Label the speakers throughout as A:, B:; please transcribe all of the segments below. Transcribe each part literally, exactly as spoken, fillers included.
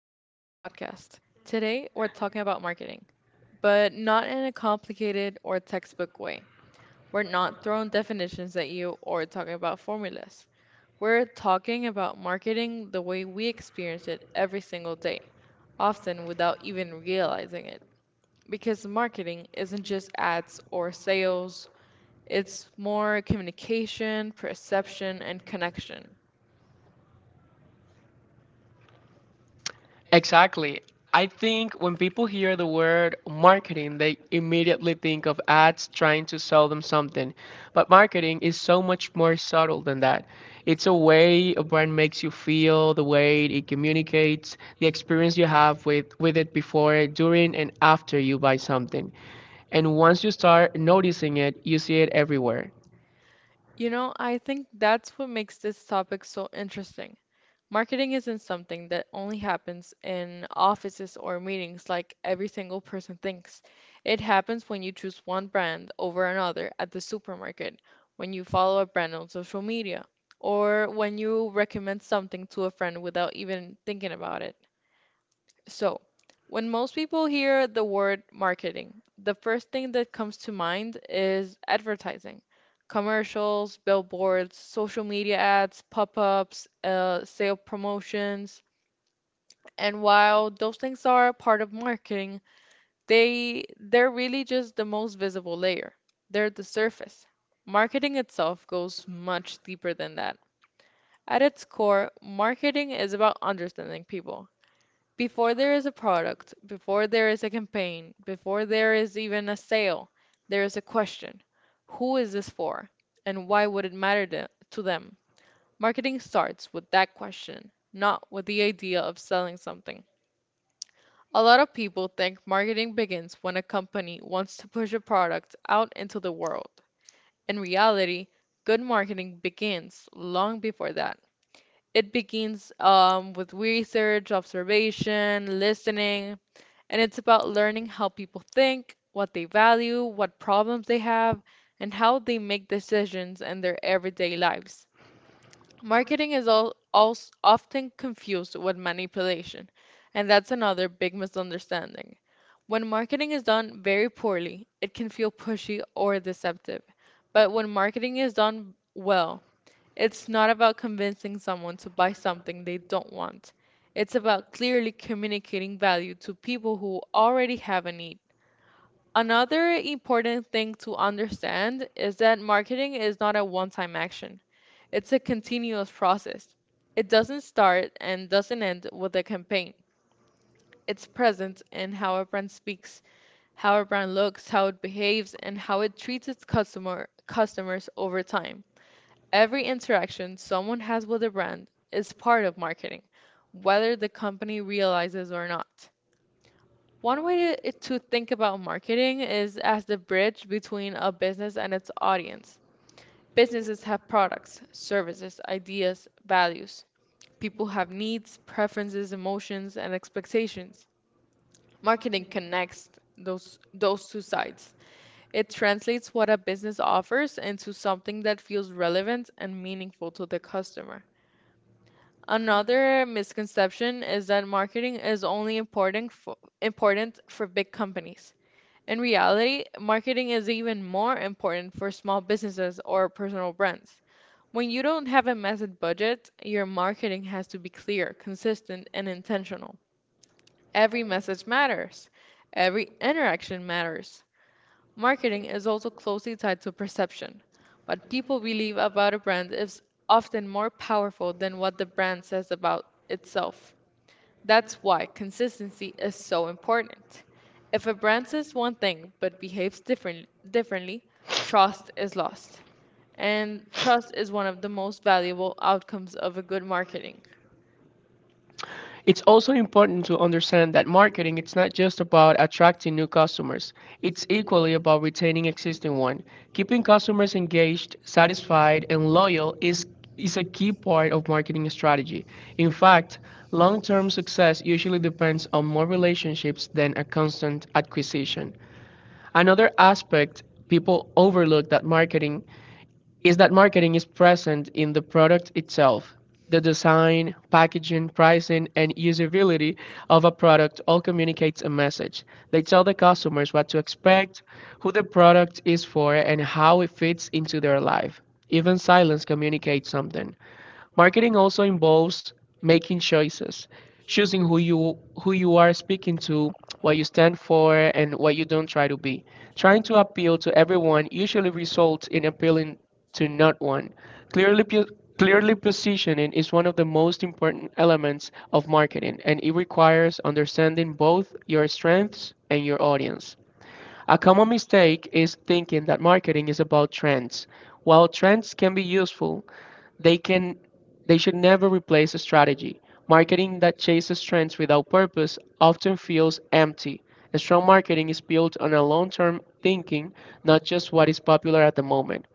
A: podcast. Today we're talking about marketing, but not in a complicated or textbook way. We're not throwing definitions at you or talking about formulas. We're talking about marketing the way we experience it every single day, often without even realizing it. Because marketing isn't just ads or sales, it's more communication, perception, and connection.
B: Exactly. I think when people hear the word marketing, they immediately think of ads trying to sell them something. But marketing is so much more subtle than that. It's a way a brand makes you feel, the way it communicates, the experience you have with, with it before, during, and after you buy something. And once you start noticing it, you see it everywhere.
A: You know, I think that's what makes this topic so interesting. Marketing isn't something that only happens in offices or meetings like every single person thinks. It happens when you choose one brand over another at the supermarket, when you follow a brand on social media, or when you recommend something to a friend without even thinking about it. So, when most people hear the word marketing, the first thing that comes to mind is advertising. Commercials, billboards, social media ads, pop-ups, uh, sale promotions. And while those things are part of marketing, they they're really just the most visible layer. They're the surface. Marketing itself goes much deeper than that. At its core, marketing is about understanding people, before there is a product, before there is a campaign, before there is even a sale, there is a question: who is this for? And why would it matter the- to them? Marketing starts with that question, not with the idea of selling something. A lot of people think marketing begins when a company wants to push a product out into the world. In reality, good marketing begins long before that. It begins um, with research, observation, listening, and it's about learning how people think, what they value, what problems they have, and how they make decisions in their everyday lives. Marketing is al also often confused with manipulation, and that's another big misunderstanding. When marketing is done very poorly, it can feel pushy or deceptive. But when marketing is done well, it's not about convincing someone to buy something they don't want. It's about clearly communicating value to people who already have a need. Another important thing to understand is that marketing is not a one time action, it's a continuous process. It doesn't start and doesn't end with a campaign. It's present in how a brand speaks, how a brand looks, how it behaves, and how it treats its customer, customers over time. Every interaction someone has with a brand is part of marketing, whether the company realizes or not. One way to, to think about marketing is as the bridge between a business and its audience. Businesses have products, services, ideas, values. People have needs, preferences, emotions, and expectations. Marketing connects those those two sides. It translates what a business offers into something that feels relevant and meaningful to the customer. Another misconception is that marketing is only important for, important for big companies. In reality, marketing is even more important for small businesses or personal brands. When you don't have a massive budget, your marketing has to be clear, consistent, and intentional. Every message matters. Every interaction matters. Marketing is also closely tied to perception. What people believe about a brand is often more powerful than what the brand says about itself. That's why consistency is so important. If a brand says one thing but behaves different, differently, trust is lost. And trust is one of the most valuable outcomes of a good marketing.
B: It's also important to understand that marketing it's not just about attracting new customers. It's equally about retaining existing ones. Keeping customers engaged, satisfied, and loyal is is a key part of marketing strategy. In fact, long-term success usually depends on more relationships than a constant acquisition. Another aspect people overlook that marketing is that marketing is present in the product itself. The design, packaging, pricing, and usability of a product all communicates a message. They tell the customers what to expect, who the product is for, and how it fits into their life. Even silence communicates something. Marketing also involves making choices, choosing who you who you are speaking to, what you stand for, and what you don't try to be. Trying to appeal to everyone usually results in appealing to not one. Clearly pu- clearly positioning is one of the most important elements of marketing, and it requires understanding both your strengths and your audience. A common mistake is thinking that marketing is about trends. While trends can be useful, they can they should never replace a strategy. Marketing that chases trends without purpose often feels empty. A strong marketing is built on a long-term thinking, not just what is popular at the moment.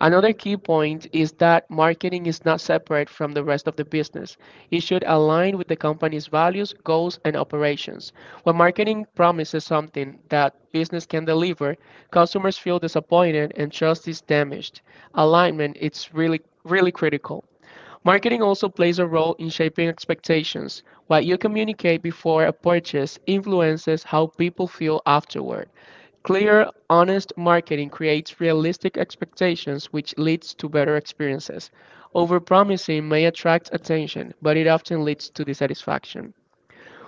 B: Another key point is that marketing is not separate from the rest of the business. It should align with the company's values, goals, and operations. When marketing promises something that business can deliver, customers feel disappointed and trust is damaged. Alignment is really really critical. Marketing also plays a role in shaping expectations. What you communicate before a purchase influences how people feel afterward. Clear, honest marketing creates realistic expectations, which leads to better experiences. Overpromising may attract attention, but it often leads to dissatisfaction.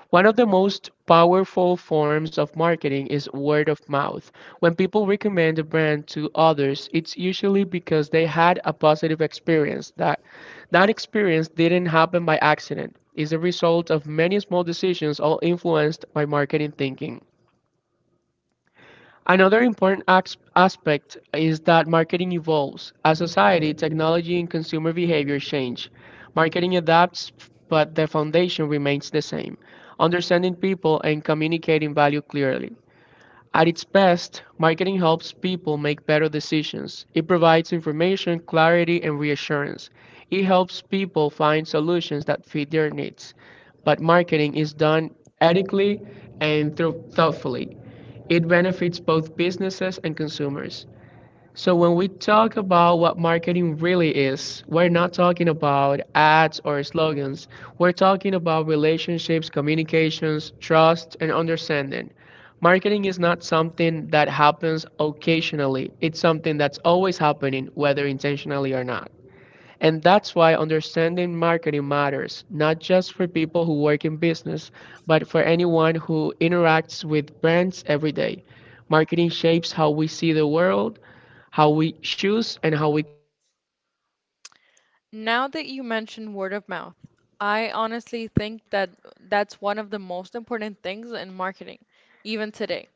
B: One of the most powerful forms of marketing is word of mouth. When people recommend a brand to others, it's usually because they had a positive experience. That that experience didn't happen by accident. It's a result of many small decisions all influenced by marketing thinking. Another important asp- aspect is that marketing evolves as society, technology, and consumer behavior change. Marketing adapts, but the foundation remains the same, understanding people and communicating value clearly. At its best, marketing helps people make better decisions. It provides information, clarity, and reassurance. It helps people find solutions that fit their needs. But marketing is done ethically and thro- thoughtfully. It benefits both businesses and consumers. So when we talk about what marketing really is, we're not talking about ads or slogans. We're talking about relationships, communications, trust, and understanding. Marketing is not something that happens occasionally. It's something that's always happening, whether intentionally or not. And that's why understanding marketing matters, not just for people who work in business, but for anyone who interacts with brands every day. Marketing shapes how we see the world, how we choose, and how we connect.
A: Now that you mention word of mouth, I honestly think that that's one of the most important things in marketing, even today.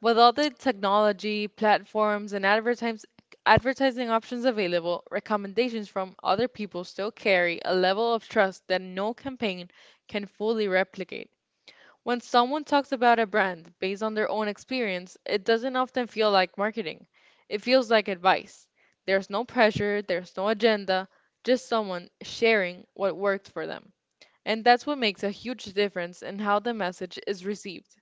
A: With all the technology, platforms, and advertise advertising options available, recommendations from other people still carry a level of trust that no campaign can fully replicate. When someone talks about a brand based on their own experience, it doesn't often feel like marketing. It feels like advice. There's no pressure, there's no agenda, just someone sharing what worked for them. And that's what makes a huge difference in how the message is received.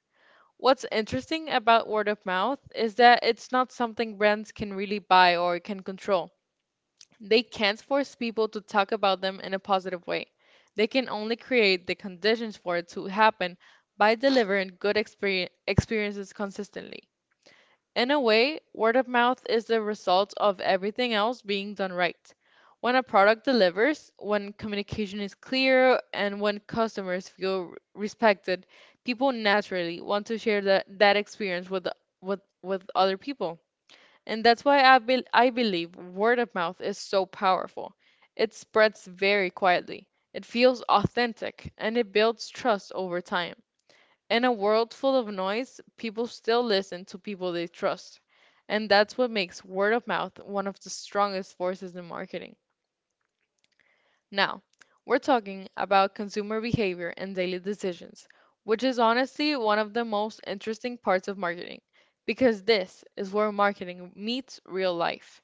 A: What's interesting about word of mouth is that it's not something brands can really buy or can control. They can't force people to talk about them in a positive way. They can only create the conditions for it to happen by delivering good exper- experiences consistently. In a way, word of mouth is the result of everything else being done right. When a product delivers, when communication is clear, and when customers feel r- respected, people naturally want to share that, that experience with, the- with, with other people. And that's why I, bel I believe word of mouth is so powerful. It spreads very quietly, it feels authentic, and it builds trust over time. In a world full of noise, people still listen to people they trust. And that's what makes word of mouth one of the strongest forces in marketing. Now, we're talking about consumer behavior and daily decisions, which is honestly one of the most interesting parts of marketing, because this is where marketing meets real life.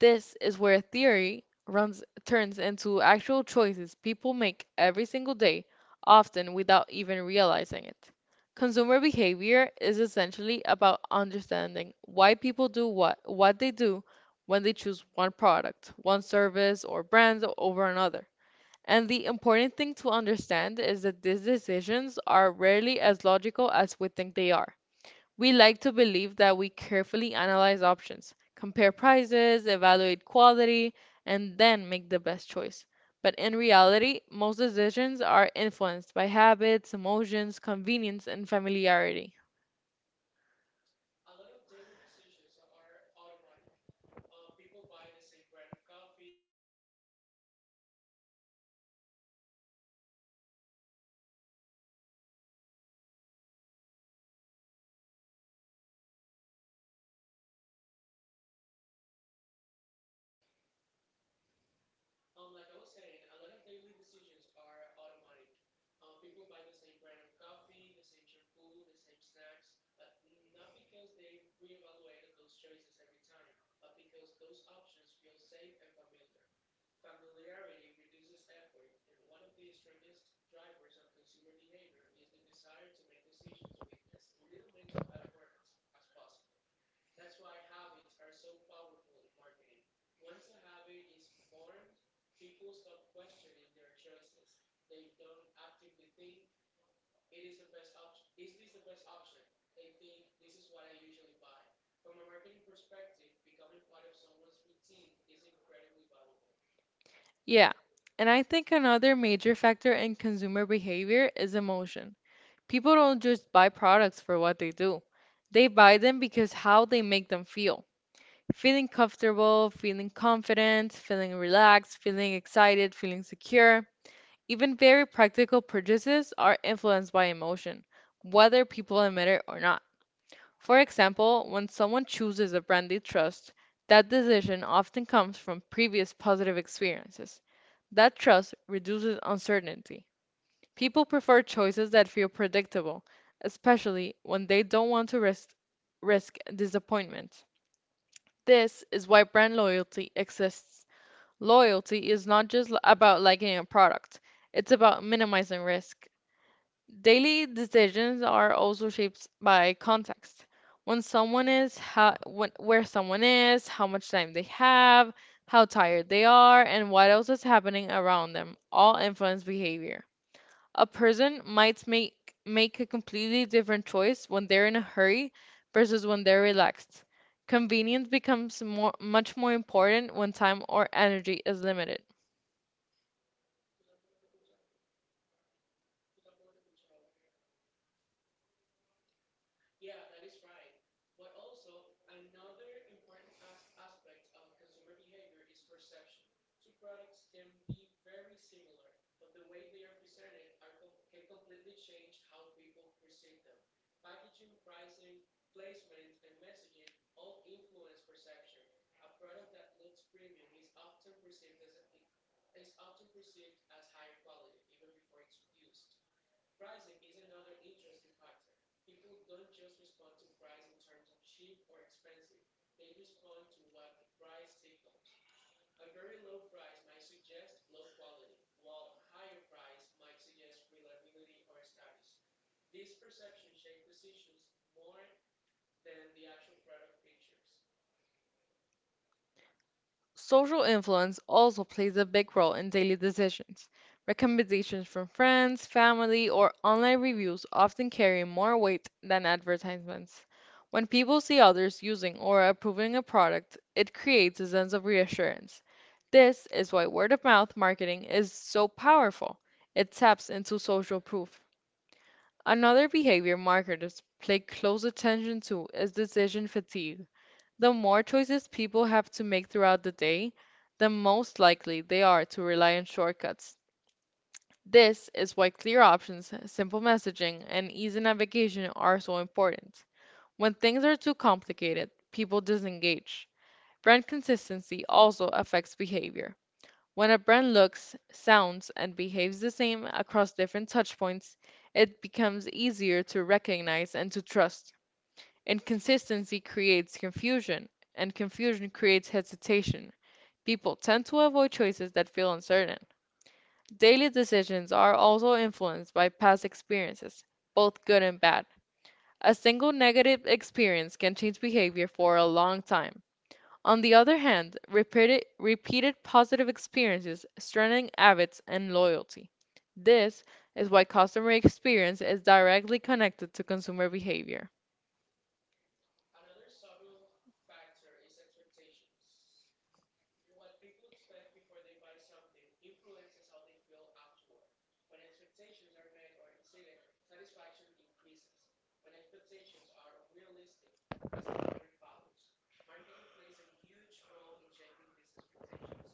A: This is where theory runs turns into actual choices people make every single day, often without even realizing it. Consumer behavior is essentially about understanding why people do what what they do when they choose one product, one service or brand over another. And the important thing to understand is that these decisions are rarely as logical as we think they are. We like to believe that we carefully analyze options, compare prices, evaluate quality, and then make the best choice. But in reality, most decisions are influenced by habits, emotions, convenience, and familiarity.
B: A lot of daily decisions are automatic. Uh, people buy the same brand of coffee, the same shampoo, the same snacks, but not because Um, like I was saying, a lot of daily decisions are automatic. Uh, people buy the same brand of coffee, the same shampoo, the same snacks, but not because they've reevaluated those choices every time, but because those options feel safe and familiar. Familiarity reduces effort, and one of the strongest drivers of consumer behavior is the desire to make decisions with as little mental effort as, as possible. That's why habits are so powerful in marketing. Once a habit is formed, people stop questioning their choices. They don't actively think it is the best option. Is this the best option? They think, this is what I usually buy. From a marketing perspective, becoming part of someone's routine is incredibly valuable.
A: Yeah, and I think another major factor in consumer behavior is emotion. People don't just buy products for what they do, they buy them because how they make them feel: feeling comfortable, feeling confident, feeling relaxed, feeling excited, feeling secure. Even very practical purchases are influenced by emotion, whether people admit it or not. For example, when someone chooses a brand they trust, that decision often comes from previous positive experiences. That trust reduces uncertainty. People prefer choices that feel predictable, especially when they don't want to risk, risk disappointment. This is why brand loyalty exists. Loyalty is not just l- about liking a product, it's about minimizing risk. Daily decisions are also shaped by context. When someone is how, when, where someone is, how much time they have, how tired they are, and what else is happening around them all influence behavior. A person might make make a completely different choice when they're in a hurry versus when they're relaxed. Convenience becomes more, much more important when time or energy is limited.
B: Yeah, that is right. But also, another important as- aspect of consumer behavior is perception. Two products can be very similar, but the way they are presented are com- can completely change how people perceive them. Packaging, pricing, placement, and messaging all influence perception. A product that looks premium is often perceived as is often perceived as higher quality even before it's used. Pricing is another interesting factor. People don't just respond to price in terms of cheap or expensive, they respond to what the price signals. A very low price might suggest low quality, while higher price might suggest reliability or status. These perceptions shape decisions more than the actual product features.
A: Social influence also plays a big role in daily decisions. Recommendations from friends, family, or online reviews often carry more weight than advertisements. When people see others using or approving a product, it creates a sense of reassurance. This is why word of mouth marketing is so powerful. It taps into social proof. Another behavior marketers pay close attention to is decision fatigue. The more choices people have to make throughout the day, the most likely they are to rely on shortcuts. This is why clear options, simple messaging, and easy navigation are so important. When things are too complicated, people disengage. Brand consistency also affects behavior. When a brand looks, sounds, and behaves the same across different touchpoints, it becomes easier to recognize and to trust. Inconsistency creates confusion, and confusion creates hesitation. People tend to avoid choices that feel uncertain. Daily decisions are also influenced by past experiences, both good and bad. A single negative experience can change behavior for a long time. On the other hand, repeated, repeated positive experiences strengthen habits and loyalty. This is why customer experience is directly connected to consumer behavior.
B: Another subtle factor is expectations. What people expect before they buy something influences how they feel afterward. When expectations are met or exceeded, satisfaction increases. When expectations are unrealistic, disappointment follows. Marketing plays a huge role in shaping these expectations.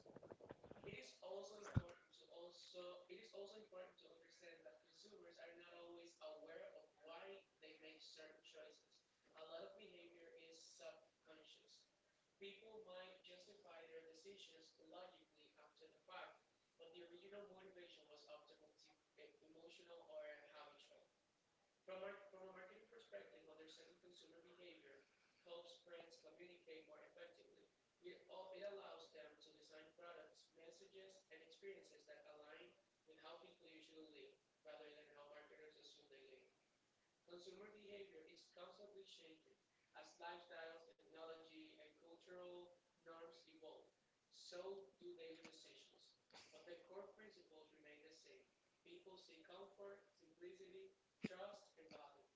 B: It is also important to also it is also important to understand that consumers are not always aware of why they make certain choices. A lot of behavior is subconscious. People might justify their decisions logically after the fact, but the original motivation was often motiv- eh, emotional or habitual. From, market, from a marketing perspective, understanding consumer behavior helps brands communicate more effectively. It, al- it allows them to design products, messages, and experiences that align with how people usually live rather than how marketers assume they live. Consumer behavior is constantly changing as lifestyles, technology, and cultural norms evolve. So do daily decisions. But the core principles remain the same. People seek comfort, simplicity, trust, and value.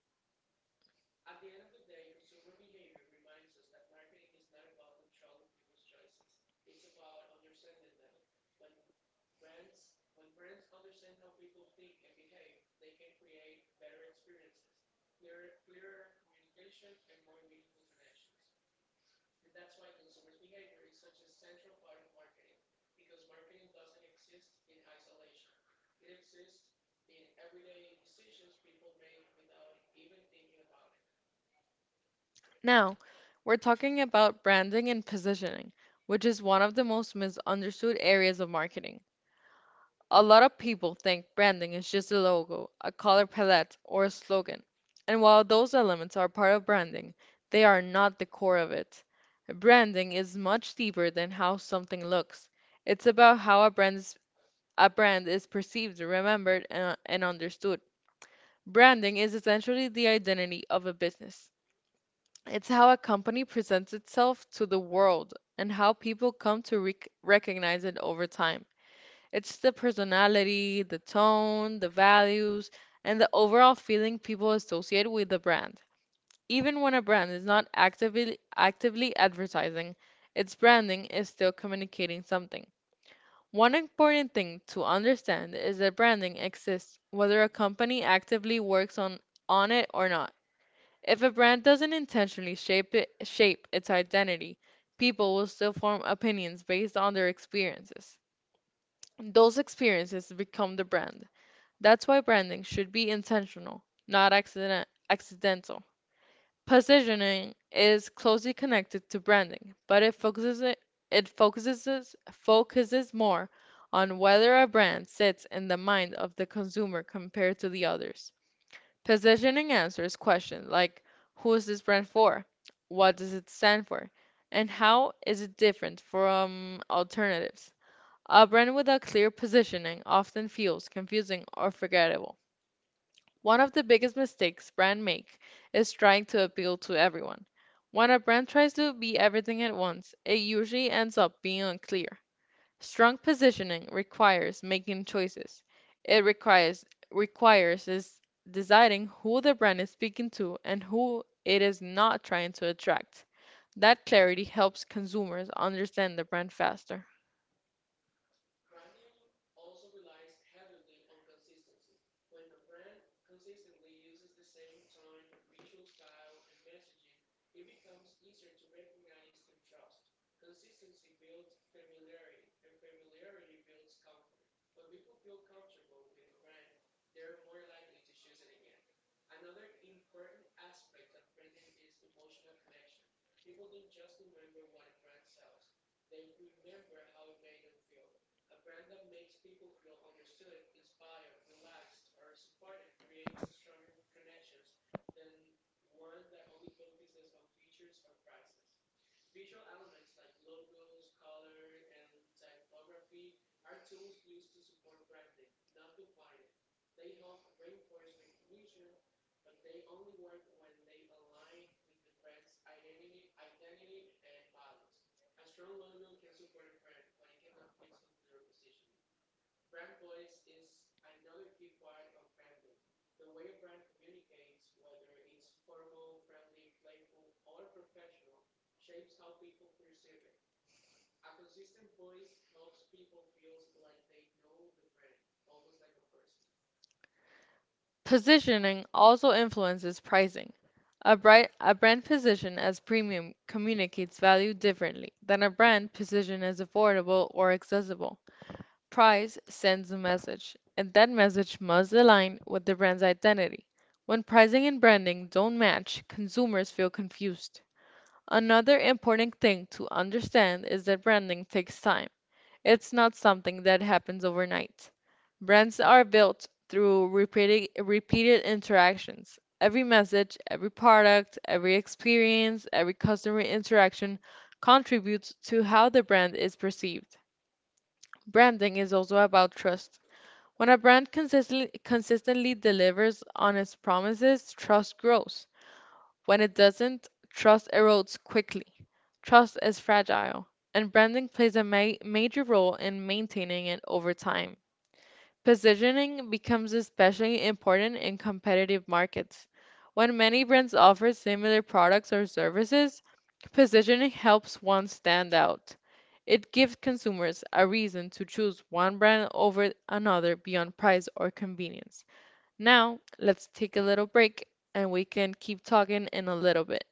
B: At the end of the day, consumer behavior reminds us that marketing is not about controlling people's choices. It's about understanding them. When brands when brands understand how people think and behave, they can create better experiences, clearer, clearer communication, and more meaningful connections. And that's why consumers' behavior is such a central part of marketing, because marketing doesn't exist in isolation. It exists in everyday decisions people make without even thinking about it.
A: Now, we're talking about branding and positioning, which is one of the most misunderstood areas of marketing. A lot of people think branding is just a logo, a color palette, or a slogan. And while those elements are part of branding, they are not the core of it. Branding is much deeper than how something looks. It's about how a brand is, a brand is perceived, remembered, and, and understood. Branding is essentially the identity of a business. It's how a company presents itself to the world and how people come to rec recognize it over time. It's the personality, the tone, the values, and the overall feeling people associate with the brand. Even when a brand is not actively actively advertising, its branding is still communicating something. One important thing to understand is that branding exists whether a company actively works on on it or not. If a brand doesn't intentionally shape it, shape its identity, people will still form opinions based on their experiences. Those experiences become the brand. That's why branding should be intentional, not accident accidental. Positioning is closely connected to branding, but it focuses it, it focuses focuses more on whether a brand sits in the mind of the consumer compared to the others. Positioning answers questions like: who is this brand for? What does it stand for? And how is it different from alternatives? A brand without clear positioning often feels confusing or forgettable. One of the biggest mistakes brands make is trying to appeal to everyone. When a brand tries to be everything at once, it usually ends up being unclear. Strong positioning requires making choices. It requires requires is deciding who the brand is speaking to and who it is not trying to attract. That clarity helps consumers understand the brand faster.
B: Branding also relies heavily on consistency. When a brand consistently uses the same tone, visual style, and messaging, it becomes easier to recognize and trust. Consistency builds familiarity, and familiarity builds comfort. When people feel comfortable with a brand, they're more likely to choose it again. Another important aspect of branding is emotional connection. People don't just remember what a brand sells, they remember how it made them feel. A brand that makes people feel understood, inspired, relaxed, or supported creates stronger connections than one that only focuses on features or prices. Visual elements like logos, color, and typography are tools used to support branding, not define it. They help reinforce recognition, but they only work when they align with the brand's identity, identity and values. A strong logo can support a brand, but it cannot fix unclear positioning. Brand voice is another key part of branding, the way a brand communicates, whether it's formal, friendly, playful, or professional, shapes how people perceive it. A consistent voice helps people feel like they know the brand, almost like a person.
A: Positioning also influences pricing. A, bright, a brand positioned as premium communicates value differently than a brand positioned as affordable or accessible. Price sends a message, and that message must align with the brand's identity. When pricing and branding don't match, consumers feel confused. Another important thing to understand is that branding takes time. It's not something that happens overnight. Brands are built through repeated, repeated interactions. Every message, every product, every experience, every customer interaction contributes to how the brand is perceived. Branding is also about trust. When a brand consistently consistently delivers on its promises, trust grows. When it doesn't, trust erodes quickly. Trust is fragile, and branding plays a ma major role in maintaining it over time. Positioning becomes especially important in competitive markets. When many brands offer similar products or services, positioning helps one stand out. It gives consumers a reason to choose one brand over another beyond price or convenience. Now, let's take a little break and we can keep talking in a little bit.